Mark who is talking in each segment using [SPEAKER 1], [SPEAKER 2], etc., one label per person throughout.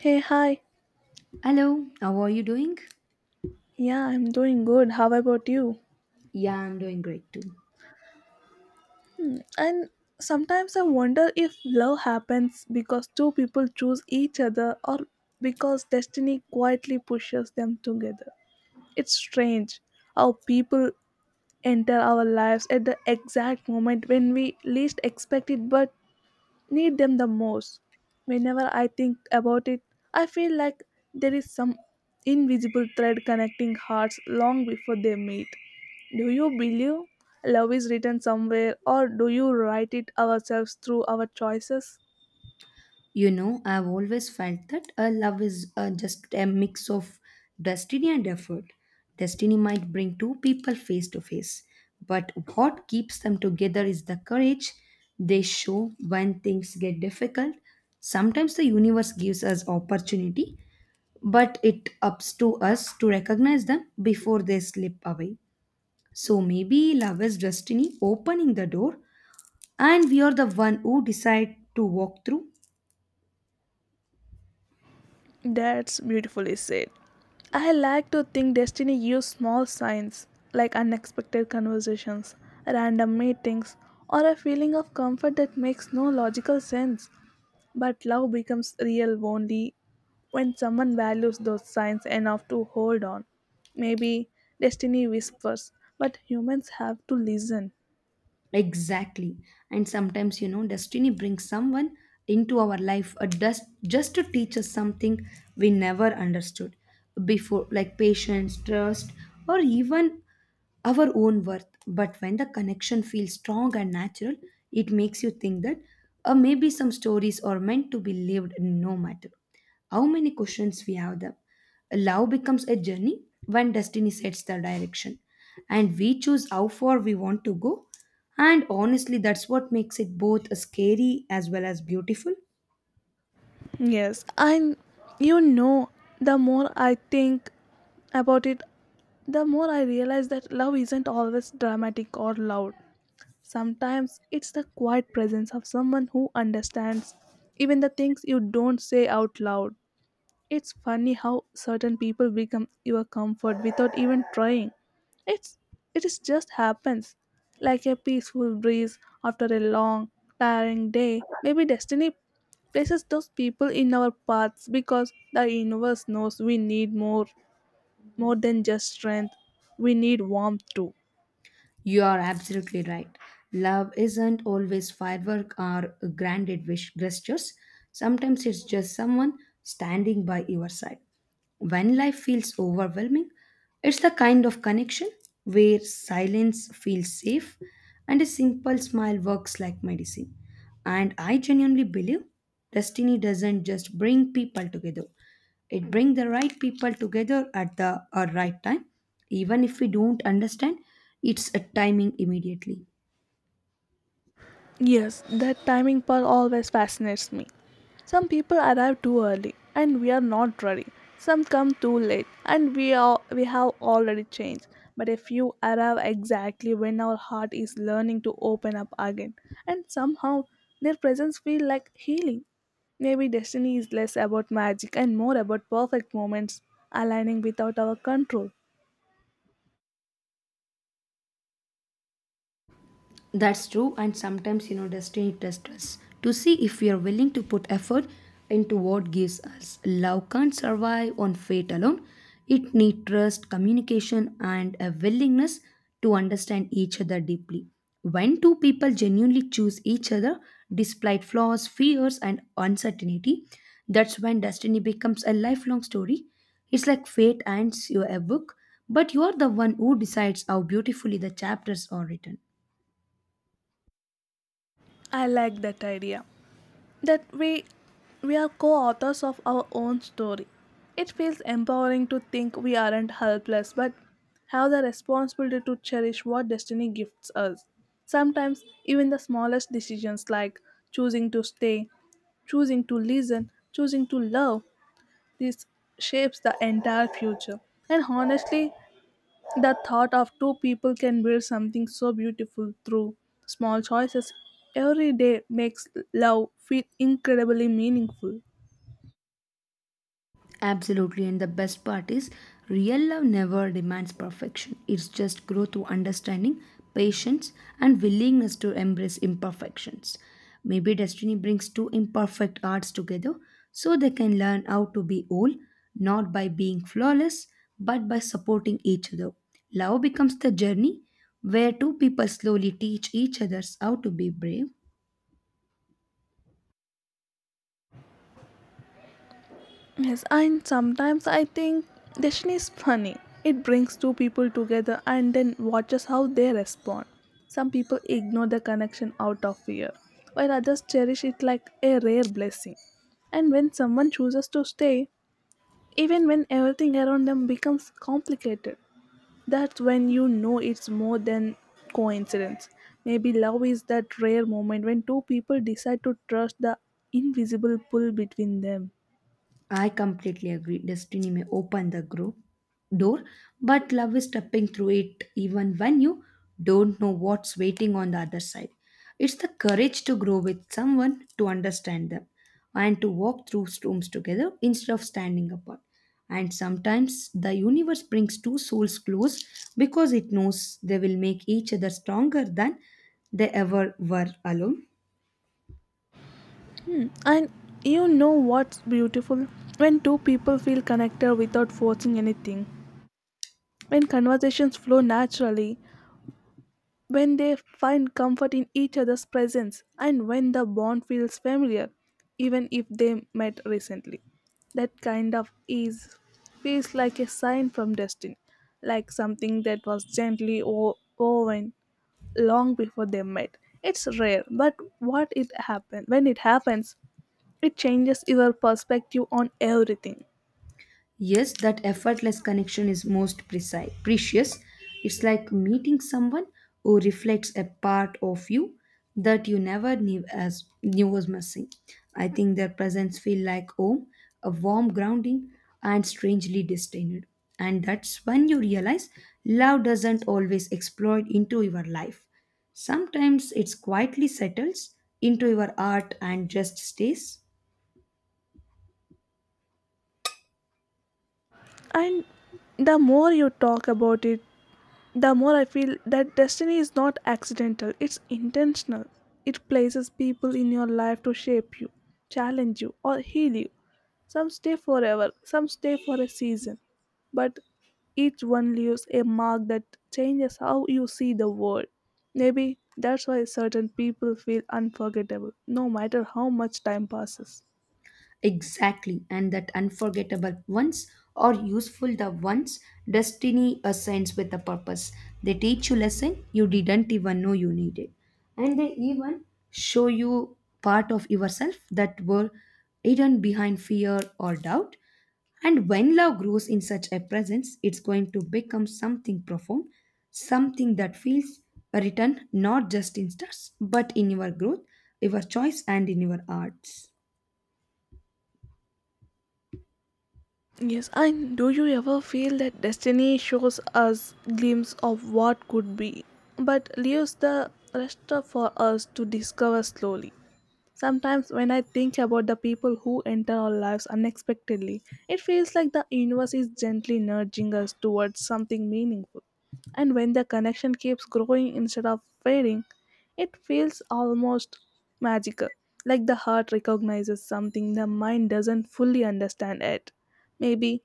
[SPEAKER 1] Hey, hi.
[SPEAKER 2] Hello, how are you doing?
[SPEAKER 1] Yeah, I'm doing good. How about you?
[SPEAKER 2] Yeah, I'm doing great too.
[SPEAKER 1] And sometimes I wonder if love happens because two people choose each other or because destiny quietly pushes them together. It's strange how people enter our lives at the exact moment when we least expect it, but need them the most. Whenever I think about it, I feel like there is some invisible thread connecting hearts long before they meet. Do you believe love is written somewhere, or do you write it ourselves through our choices?
[SPEAKER 2] You know, I've always felt that a love is just a mix of destiny and effort. Destiny might bring two people face to face, but what keeps them together is the courage they show when things get difficult. Sometimes the universe gives us opportunity, but it ups to us to recognize them before they slip away. So maybe love is destiny opening the door and we are the one who decide to walk through.
[SPEAKER 1] That's beautifully said. I like to think destiny uses small signs like unexpected conversations, random meetings, or a feeling of comfort that makes no logical sense. But love becomes real only when someone values those signs enough to hold on. Maybe destiny whispers, but humans have to listen.
[SPEAKER 2] Exactly. And sometimes you know destiny brings someone into our life just to teach us something we never understood before like patience trust or even our own worth. But when the connection feels strong and natural, it makes you think that maybe some stories are meant to be lived no matter how many questions we have them. Love becomes a journey when destiny sets the direction, and we choose how far we want to go. And honestly, that's what makes it both scary as well as beautiful.
[SPEAKER 1] Yes, and you know, the more I think about it, the more I realize that love isn't always dramatic or loud. Sometimes it's the quiet presence of someone who understands even the things you don't say out loud. It's funny how certain people become your comfort without even trying. It's it is just happens. Like a peaceful breeze after a long, tiring day. Maybe destiny places those people in our paths because the universe knows we need more than just strength. We need warmth too.
[SPEAKER 2] You are absolutely right. Love isn't always firework or grandiose gestures. Sometimes it's just someone standing by your side. When life feels overwhelming, it's the kind of connection where silence feels safe and a simple smile works like medicine. And I genuinely believe destiny doesn't just bring people together, it brings the right people together at the right time, even if we don't understand its timing immediately.
[SPEAKER 1] Yes, that timing part always fascinates me. Some people arrive too early and we are not ready. Some come too late and we have already changed. But a few arrive exactly when our heart is learning to open up again, and somehow their presence feels like healing. Maybe destiny is less about magic and more about perfect moments aligning without our control.
[SPEAKER 2] That's true, and sometimes you know destiny tests us to see if we are willing to put effort into what gives us. Love can't survive on fate alone. It needs trust, communication, and a willingness to understand each other deeply. When two people genuinely choose each other despite flaws, fears, and uncertainty, that's when destiny becomes a lifelong story. It's like fate hands you a book, but you're the one who decides how beautifully the chapters are written.
[SPEAKER 1] I like that idea, that we are co-authors of our own story. It feels empowering to think we aren't helpless but have the responsibility to cherish what destiny gifts us. Sometimes even the smallest decisions like choosing to stay, choosing to listen, choosing to love, this shapes the entire future. And honestly, the thought of two people can build something so beautiful through small choices every day makes love feel incredibly meaningful.
[SPEAKER 2] Absolutely, and the best part is real love never demands perfection. It's just growth through understanding, patience, and willingness to embrace imperfections. Maybe destiny brings two imperfect hearts together so they can learn how to be whole, not by being flawless, but by supporting each other. Love becomes the journey where two people slowly teach each others how to be brave.
[SPEAKER 1] Yes, and sometimes I think destiny is funny. It brings two people together and then watches how they respond. Some people ignore the connection out of fear, while others cherish it like a rare blessing. And when someone chooses to stay, even when everything around them becomes complicated, that's when you know it's more than coincidence. Maybe love is that rare moment when two people decide to trust the invisible pull between them.
[SPEAKER 2] I completely agree. Destiny may open the door, but love is stepping through it even when you don't know what's waiting on the other side. It's the courage to grow with someone, to understand them, and to walk through storms together instead of standing apart. And sometimes the universe brings two souls close because it knows they will make each other stronger than they ever were alone.
[SPEAKER 1] Hmm. And you know what's beautiful? When two people feel connected without forcing anything. When conversations flow naturally, when they find comfort in each other's presence and when the bond feels familiar, even if they met recently. That kind of ease feels like a sign from destiny, like something that was gently woven long before they met. It's rare, but what it happen when it happens, it changes your perspective on everything.
[SPEAKER 2] Yes, that effortless connection is most precise, precious. It's like meeting someone who reflects a part of you that you never knew was missing. I think their presence feel like home, a warm grounding, and strangely disdained. And that's when you realize love doesn't always explode into your life. Sometimes it quietly settles into your heart and just stays.
[SPEAKER 1] And the more you talk about it, the more I feel that destiny is not accidental, it's intentional. It places people in your life to shape you, challenge you, or heal you. Some stay forever, some stay for a season, but each one leaves a mark that changes how you see the world. Maybe that's why certain people feel unforgettable, no matter how much time passes.
[SPEAKER 2] Exactly, and that unforgettable ones are useful the ones destiny assigns with a purpose. They teach you lesson you didn't even know you needed. And they even show you part of yourself that were hidden behind fear or doubt. And when love grows in such a presence, it's going to become something profound, something that feels written not just in stars, but in your growth, your choice, and in your arts.
[SPEAKER 1] Yes, and do you ever feel that destiny shows us glimpse of what could be, but leaves the rest for us to discover slowly? Sometimes, when I think about the people who enter our lives unexpectedly, it feels like the universe is gently nudging us towards something meaningful. And when the connection keeps growing instead of fading, it feels almost magical, like the heart recognizes something the mind doesn't fully understand yet. Maybe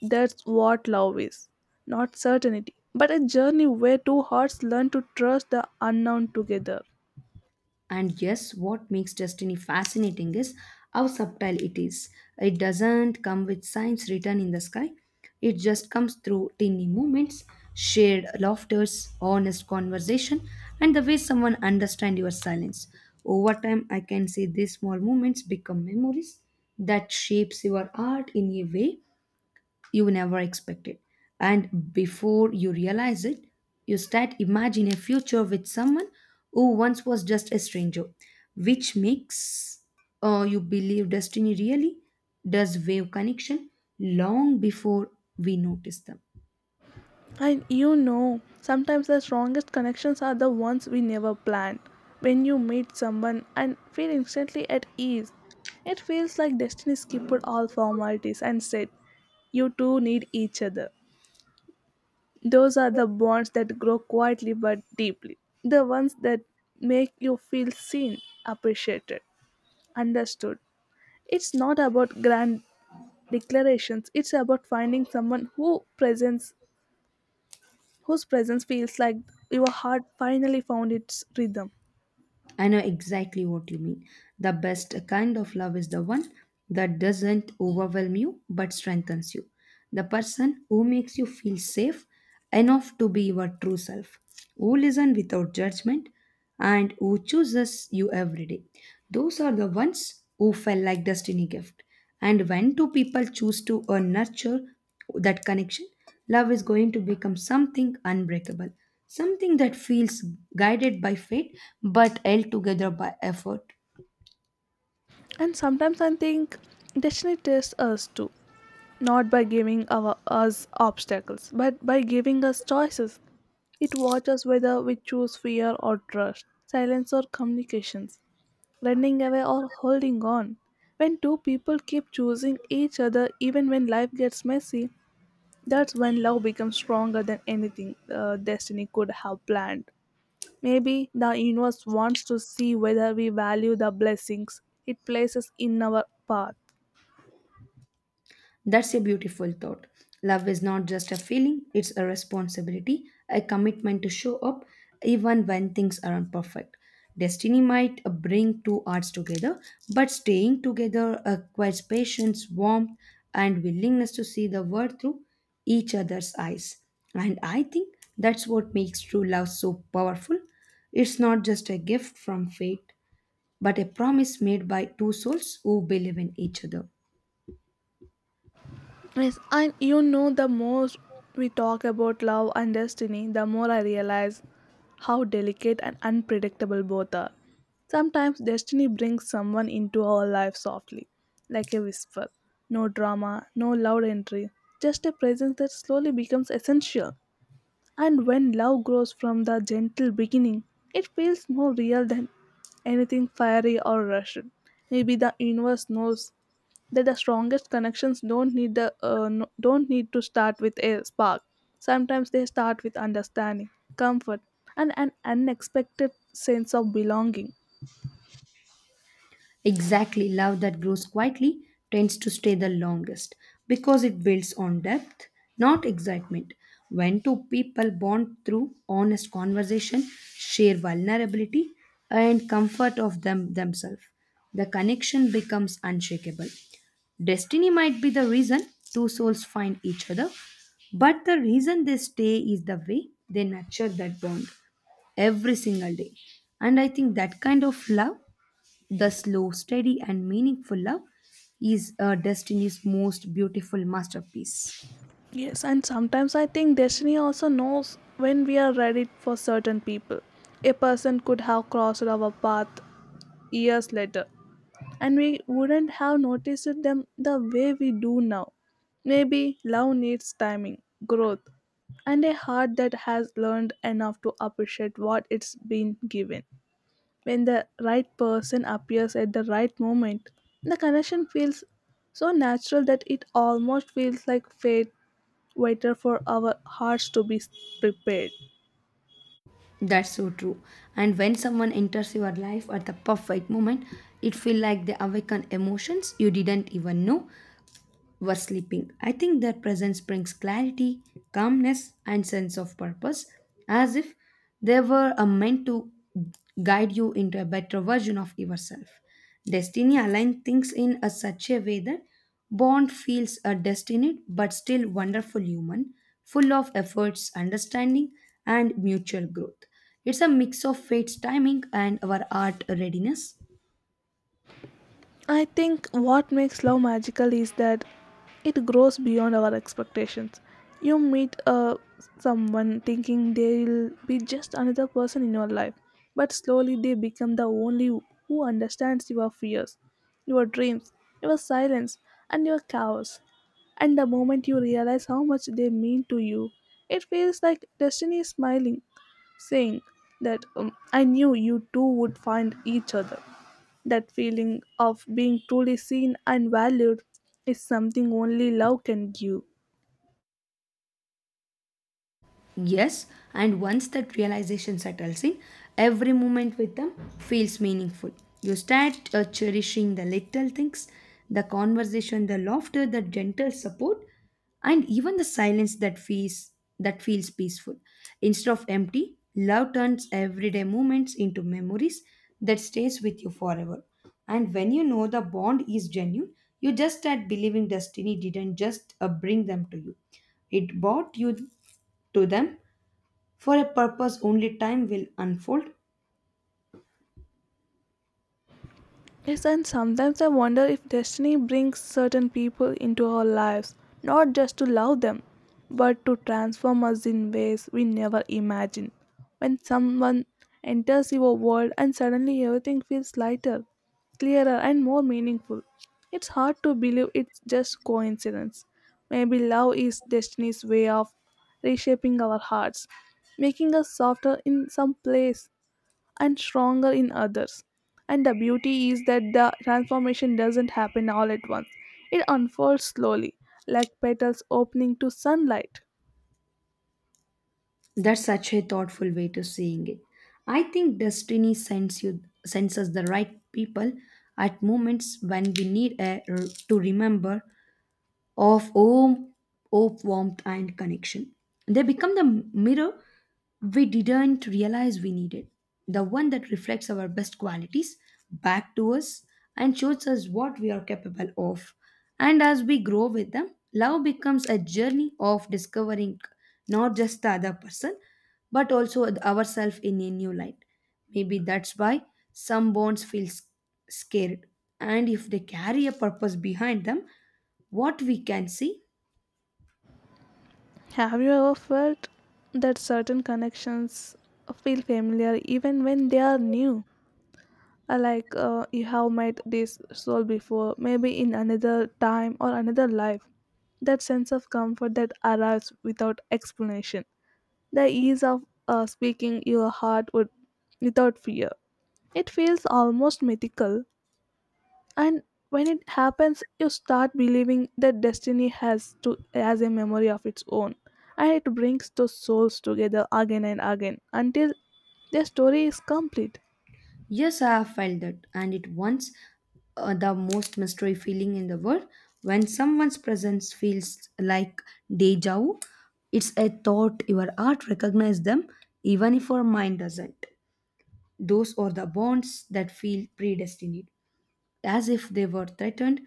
[SPEAKER 1] that's what love is, not certainty, but a journey where two hearts learn to trust the unknown together.
[SPEAKER 2] And yes, what makes destiny fascinating is how subtle it is. It doesn't come with signs written in the sky, it just comes through tiny moments, shared laughters, honest conversation, and the way someone understands your silence. Over time, I can say these small moments become memories that shapes your art in a way you never expected. And before you realize it, you start imagining a future with someone who once was just a stranger, which makes you believe destiny really does wave connection long before we notice them.
[SPEAKER 1] And you know, sometimes the strongest connections are the ones we never planned. When you meet someone and feel instantly at ease, it feels like destiny skipped all formalities and said, "You two need each other." Those are the bonds that grow quietly but deeply. The ones that make you feel seen, appreciated, understood. It's not about grand declarations, it's about finding someone who presents whose presence feels like your heart finally found its rhythm.
[SPEAKER 2] I know exactly what you mean. The best kind of love is the one that doesn't overwhelm you but strengthens you. The person who makes you feel safe enough to be your true self, who listens without judgment, and who chooses you every day. Those are the ones who felt like destiny gift. And when two people choose to nurture that connection, love is going to become something unbreakable, something that feels guided by fate but held together by effort.
[SPEAKER 1] And sometimes I think destiny tests us too, not by giving us obstacles, but by giving us choices. It watches whether we choose fear or trust, silence or communications, running away or holding on. When two people keep choosing each other even when life gets messy, that's when love becomes stronger than anything destiny could have planned. Maybe the universe wants to see whether we value the blessings it places in our path.
[SPEAKER 2] That's a beautiful thought. Love is not just a feeling, it's a responsibility, a commitment to show up even when things aren't perfect. Destiny might bring two hearts together, but staying together requires patience, warmth, and willingness to see the world through each other's eyes. And I think that's what makes true love so powerful. It's not just a gift from fate, but a promise made by two souls who believe in each other.
[SPEAKER 1] Yes, and you know, the more we talk about love and destiny, the more I realize how delicate and unpredictable both are. Sometimes destiny brings someone into our life softly, like a whisper. No drama, no loud entry, just a presence that slowly becomes essential. And when love grows from the gentle beginning, it feels more real than anything fiery or rushed. Maybe the universe knows that the strongest connections don't need the don't need to start with a spark. Sometimes they start with understanding, comfort, and an unexpected sense of belonging.
[SPEAKER 2] Exactly, love that grows quietly tends to stay the longest because it builds on depth, not excitement. When two people bond through honest conversation, share vulnerability, and comfort of themselves, the connection becomes unshakable. Destiny might be the reason two souls find each other, but the reason they stay is the way they nurture that bond every single day. And I think that kind of love the slow, steady, and meaningful love is destiny's most beautiful masterpiece.
[SPEAKER 1] Yes, and sometimes I think destiny also knows when we are ready for certain people. A person could have crossed our path years later, and we wouldn't have noticed them the way we do now. Maybe love needs timing, growth, and a heart that has learned enough to appreciate what it's been given. When the right person appears at the right moment, the connection feels so natural that it almost feels like fate waited for our hearts to be prepared.
[SPEAKER 2] That's so true. And when someone enters your life at the perfect moment, it feels like they awaken emotions you didn't even know were sleeping. I think their presence brings clarity, calmness, and sense of purpose, as if they were meant to guide you into a better version of yourself. Destiny aligns things in a such a way that Bond feels a destined but still wonderful human, full of efforts, understanding, and mutual growth. It's a mix of fate's timing and our art readiness.
[SPEAKER 1] I think what makes love magical is that it grows beyond our expectations. You meet someone thinking they'll be just another person in your life, but slowly they become the only who understands your fears, your dreams, your silence, and your chaos. And the moment you realize how much they mean to you, it feels like destiny is smiling, saying that I knew you two would find each other. That feeling of being truly seen and valued is something only love can give.
[SPEAKER 2] Yes, and once that realization settles in, every moment with them feels meaningful. You start cherishing the little things, the conversation, the laughter, the gentle support, and even the silence that feels peaceful instead of empty love turns everyday moments into memories that stays with you forever and when you know the bond is genuine you just start believing destiny didn't just bring them to you it brought you to them for a purpose only time will unfold.
[SPEAKER 1] Yes, and sometimes I wonder if destiny brings certain people into our lives, not just to love them, but to transform us in ways we never imagined. When someone enters your world and suddenly everything feels lighter, clearer, and more meaningful, it's hard to believe it's just coincidence. Maybe love is destiny's way of reshaping our hearts, making us softer in some place and stronger in others. And the beauty is that the transformation doesn't happen all at once, it unfolds slowly, like petals opening to sunlight.
[SPEAKER 2] That's such a thoughtful way to seeing it. I think destiny sends us the right people at moments when we need a, to remember of home, hope, warmth, and connection. They become the mirror we didn't realize we needed, the one that reflects our best qualities back to us and shows us what we are capable of. And as we grow with them, love becomes a journey of discovering not just the other person, but also ourselves in a new light. Maybe that's why some bonds feel scared, and if they carry a purpose behind them, what we can see?
[SPEAKER 1] Have you ever felt that certain connections feel familiar even when they are new? Like you have met this soul before, maybe in another time or another life. That sense of comfort that arrives without explanation. The ease of speaking your heart would without fear. It feels almost mythical, and when it happens, you start believing that destiny has a memory of its own, and it brings those souls together again and again until their story is complete.
[SPEAKER 2] Yes, I have felt that, and it once the most mystery feeling in the world. When someone's presence feels like deja vu, it's a thought your heart recognizes them, even if your mind doesn't. Those are the bonds that feel predestined. As if they were threatened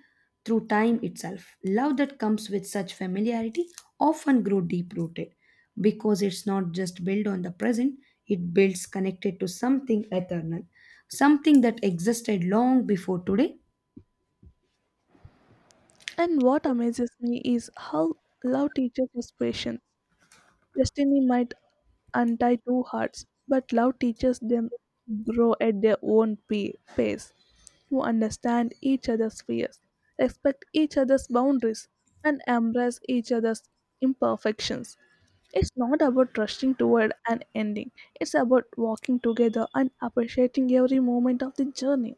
[SPEAKER 2] through time itself. Love that comes with such familiarity often grows deep rooted because it's not just built on the present, it builds connected to something eternal, something that existed long before today.
[SPEAKER 1] And what amazes me is how love teaches us patience. Destiny might untie two hearts, but love teaches them to grow at their own pace, to understand each other's fears, respect each other's boundaries, and embrace each other's imperfections. It's not about rushing toward an ending, it's about walking together and appreciating every moment of the journey.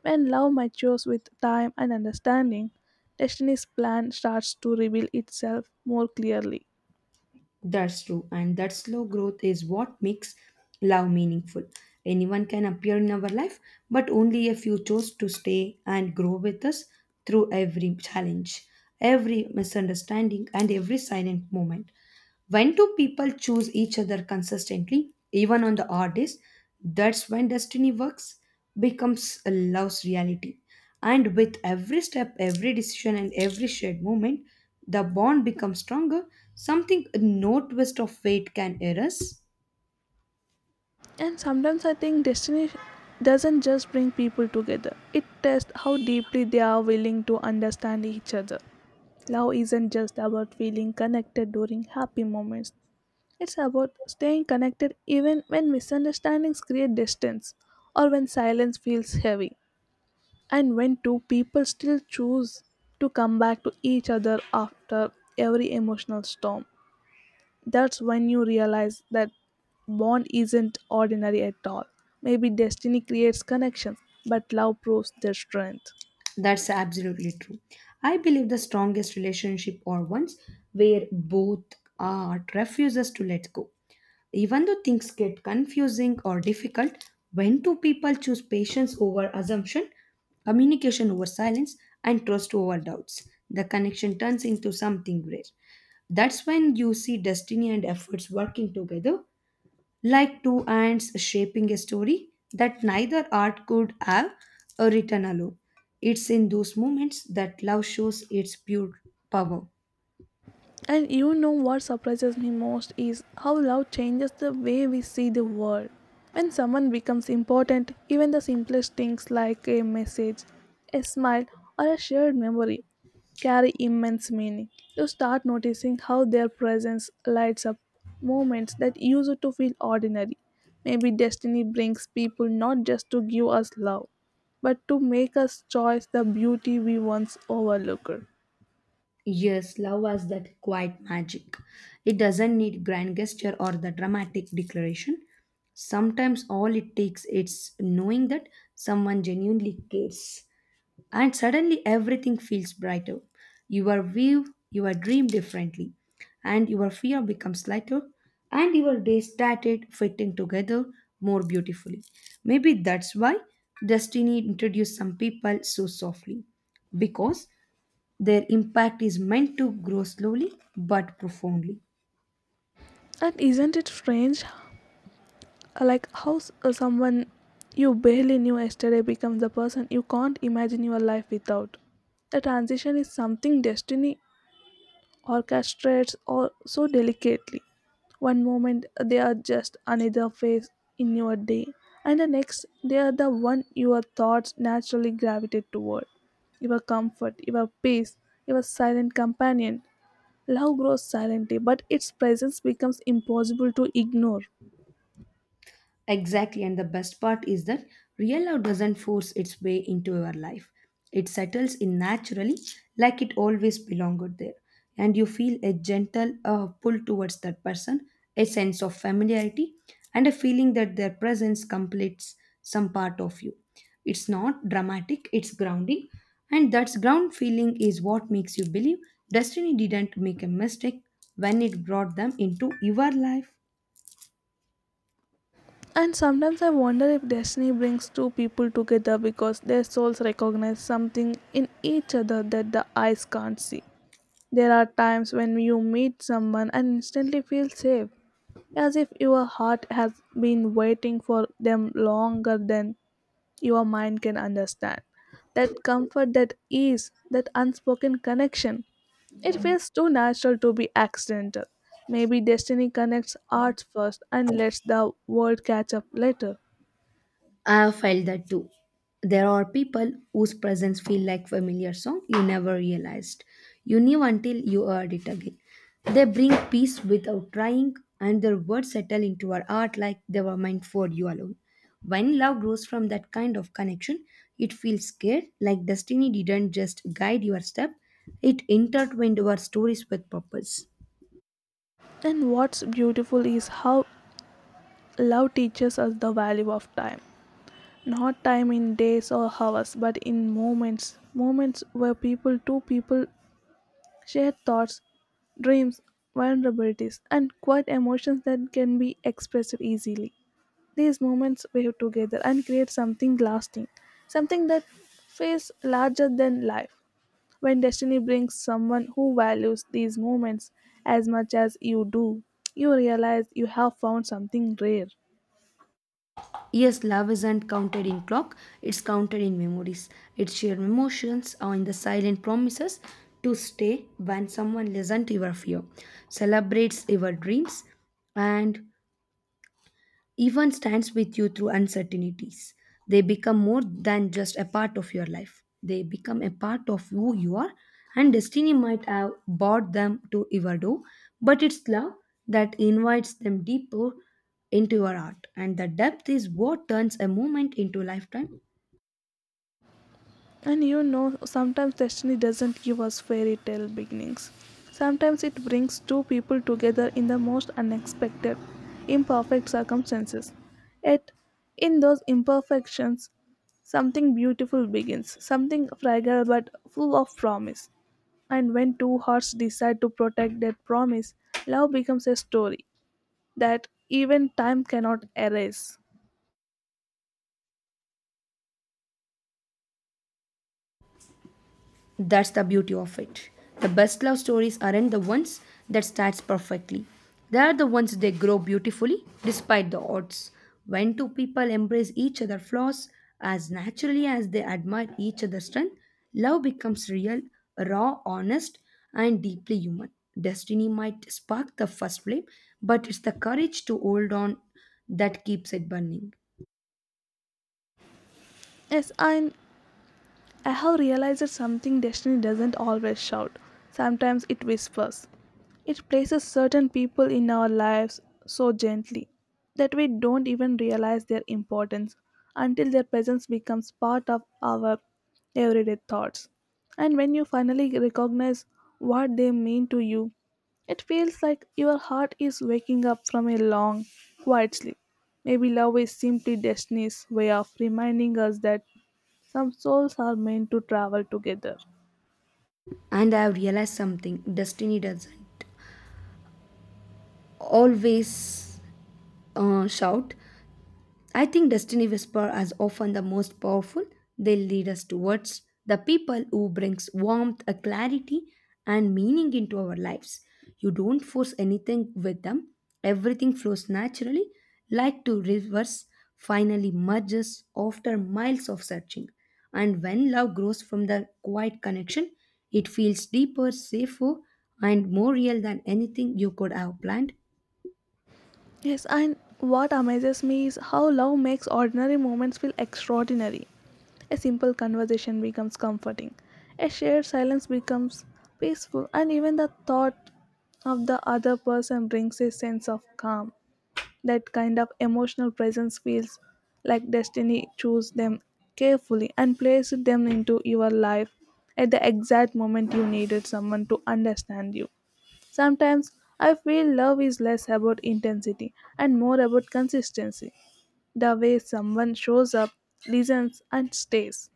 [SPEAKER 1] When love matures with time and understanding, destiny's plan starts to reveal itself more clearly.
[SPEAKER 2] That's true, and that slow growth is what makes love meaningful. Anyone can appear in our life, but only if you chose to stay and grow with us through every challenge, every misunderstanding, and every silent moment. When two people choose each other consistently, even on the odd days, that's when destiny works, becomes a love's reality. And with every step, every decision, and every shared moment, the bond becomes stronger, something no twist of fate can erase.
[SPEAKER 1] And sometimes I think destiny doesn't just bring people together, it tests how deeply they are willing to understand each other. Love isn't just about feeling connected during happy moments, it's about staying connected even when misunderstandings create distance or when silence feels heavy, and when two people still choose to come back to each other after every emotional storm. That's when you realize that bond isn't ordinary at all. Maybe destiny creates connections, but love proves their strength.
[SPEAKER 2] That's absolutely true. I believe the strongest relationship are ones where both art refuses to let go. Even though things get confusing or difficult, when two people choose patience over assumption, communication over silence, and trust over doubts, the connection turns into something rare. That's when you see destiny and efforts working together, like two ants shaping a story that neither art could have or written alone. It's in those moments that love shows its pure power.
[SPEAKER 1] And you know what surprises me most is how love changes the way we see the world. When someone becomes important, even the simplest things like a message, a smile, or a shared memory carry immense meaning. You start noticing how their presence lights up moments that used to feel ordinary. Maybe destiny brings people not just to give us love, but to make us choose the beauty we once overlooked.
[SPEAKER 2] Yes, love has that quiet magic. It doesn't need grand gesture or the dramatic declaration. Sometimes all it takes is knowing that someone genuinely cares. And suddenly everything feels brighter. Your view, your dream differently, and your fear becomes lighter, and your days started fitting together more beautifully. Maybe that's why destiny introduced some people so softly because their impact is meant to grow slowly but profoundly.
[SPEAKER 1] And isn't it strange, like how someone you barely knew yesterday becomes the person you can't imagine your life without. The transition is something destiny orchestrates or so delicately. One moment they are just another face in your day, and the next they are the one your thoughts naturally gravitate toward. Your comfort, your peace, your silent companion. Love grows silently, but its presence becomes impossible to ignore.
[SPEAKER 2] Exactly, and the best part is that real love doesn't force its way into your life. It settles in naturally, like it always belonged there. And you feel a gentle pull towards that person, a sense of familiarity, and a feeling that their presence completes some part of you. It's not dramatic, it's grounding. And that ground feeling is what makes you believe destiny didn't make a mistake when it brought them into your life.
[SPEAKER 1] And sometimes I wonder if destiny brings two people together because their souls recognize something in each other that the eyes can't see. There are times when you meet someone and instantly feel safe, as if your heart has been waiting for them longer than your mind can understand. That comfort, that ease, that unspoken connection. It feels too natural to be accidental. Maybe destiny connects hearts first and lets the world catch up later.
[SPEAKER 2] I have felt that too. There are people whose presence feel like familiar song you never realized. You knew until you heard it again. They bring peace without trying, and their words settle into our heart like they were meant for you alone. When love grows from that kind of connection, it feels scared, like destiny didn't just guide your step, it intertwined our stories with purpose.
[SPEAKER 1] And what's beautiful is how love teaches us the value of time. Not time in days or hours, but in moments. Moments where people, two people, share thoughts, dreams, vulnerabilities, and quiet emotions that can be expressed easily. These moments weave together and create something lasting, something that feels larger than life. When destiny brings someone who values these moments as much as you do, you realize you have found something rare.
[SPEAKER 2] Yes, love isn't counted in clock, it's counted in memories. It's shared emotions or in the silent promises to stay when someone listens to your fear, celebrates your dreams, and even stands with you through uncertainties. They become more than just a part of your life, they become a part of who you are. And destiny might have brought them to your door, but it's love that invites them deeper into your heart. And the depth is what turns a moment into a lifetime.
[SPEAKER 1] And you know, sometimes destiny doesn't give us fairy tale beginnings. Sometimes it brings two people together in the most unexpected, imperfect circumstances. Yet, in those imperfections, something beautiful begins, something fragile but full of promise. And when two hearts decide to protect that promise, love becomes a story that even time cannot erase.
[SPEAKER 2] That's the beauty of it. The best love stories aren't the ones that starts perfectly. They are the ones that grow beautifully despite the odds. When two people embrace each other's flaws as naturally as they admire each other's strength, love becomes real, raw, honest, and deeply human. Destiny might spark the first flame, but it's the courage to hold on that keeps it burning.
[SPEAKER 1] Yes, I have realized that something destiny doesn't always shout. Sometimes it whispers. It places certain people in our lives so gently that we don't even realize their importance until their presence becomes part of our everyday thoughts. And when you finally recognize what they mean to you, it feels like your heart is waking up from a long, quiet sleep. Maybe love is simply destiny's way of reminding us that some souls are meant to travel together.
[SPEAKER 2] And I have realized something destiny doesn't always shout. I think destiny whisper are often the most powerful. They lead us towards the people who brings warmth, a clarity, and meaning into our lives. You don't force anything with them. Everything flows naturally, like two rivers finally merges after miles of searching. And when love grows from the quiet connection, it feels deeper, safer, and more real than anything you could have planned.
[SPEAKER 1] Yes, and what amazes me is how love makes ordinary moments feel extraordinary. A simple conversation becomes comforting, a shared silence becomes peaceful, and even the thought of the other person brings a sense of calm. That kind of emotional presence feels like destiny chose them carefully and placed them into your life at the exact moment you needed someone to understand you. Sometimes I feel love is less about intensity and more about consistency, the way someone shows up, listens, and stays.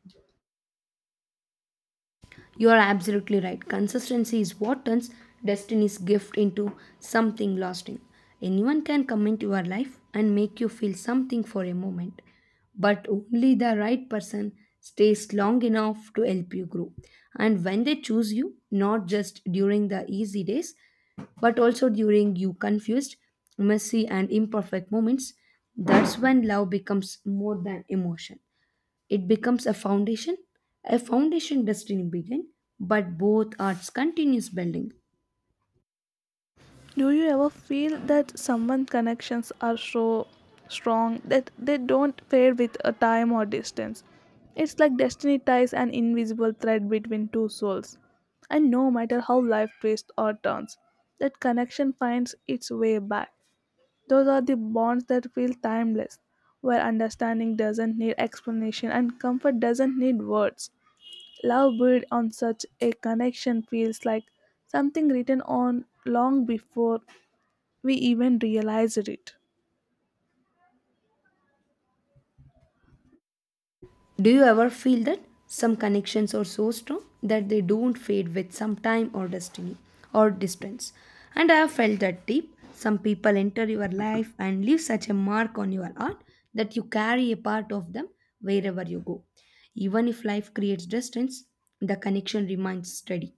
[SPEAKER 2] You are absolutely right. Consistency is what turns destiny's gift into something lasting. Anyone can come into your life and make you feel something for a moment, but only the right person stays long enough to help you grow. And when they choose you, not just during the easy days, but also during you confused, messy, and imperfect moments, that's when love becomes more than emotion. It becomes a foundation. A foundation doesn't begin, but both arts continues building.
[SPEAKER 1] Do you ever feel that someone connections are so strong that they don't fade with a time or distance? It's like destiny ties an invisible thread between two souls. And no matter how life twists or turns, that connection finds its way back. Those are the bonds that feel timeless, where understanding doesn't need explanation and comfort doesn't need words. Love built on such a connection feels like something written on long before we even realized it.
[SPEAKER 2] Do you ever feel that some connections are so strong that they don't fade with some time or destiny or distance? And I have felt that deep. Some people enter your life and leave such a mark on your art that you carry a part of them wherever you go. Even if life creates distance, the connection remains steady,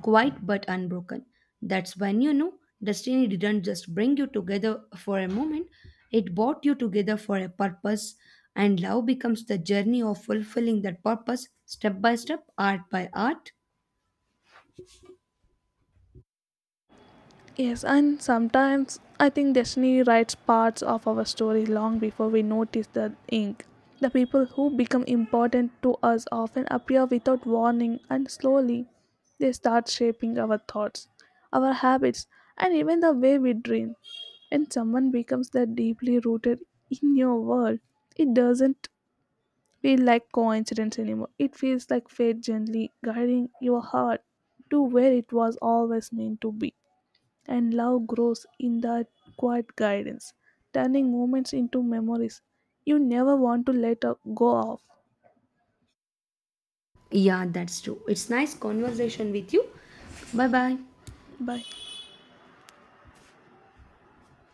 [SPEAKER 2] quiet but unbroken. That's when you know destiny didn't just bring you together for a moment, it brought you together for a purpose, and love becomes the journey of fulfilling that purpose step by step, art by art.
[SPEAKER 1] Yes, and sometimes I think destiny writes parts of our story long before we notice the ink. The people who become important to us often appear without warning, and slowly they start shaping our thoughts, our habits, and even the way we dream. When someone becomes that deeply rooted in your world, it doesn't feel like coincidence anymore. It feels like fate gently guiding your heart to where it was always meant to be, and love grows in that quiet guidance, turning moments into memories you never want to let go of.
[SPEAKER 2] Yeah, that's true. It's nice conversation with you. Bye bye.
[SPEAKER 1] Bye.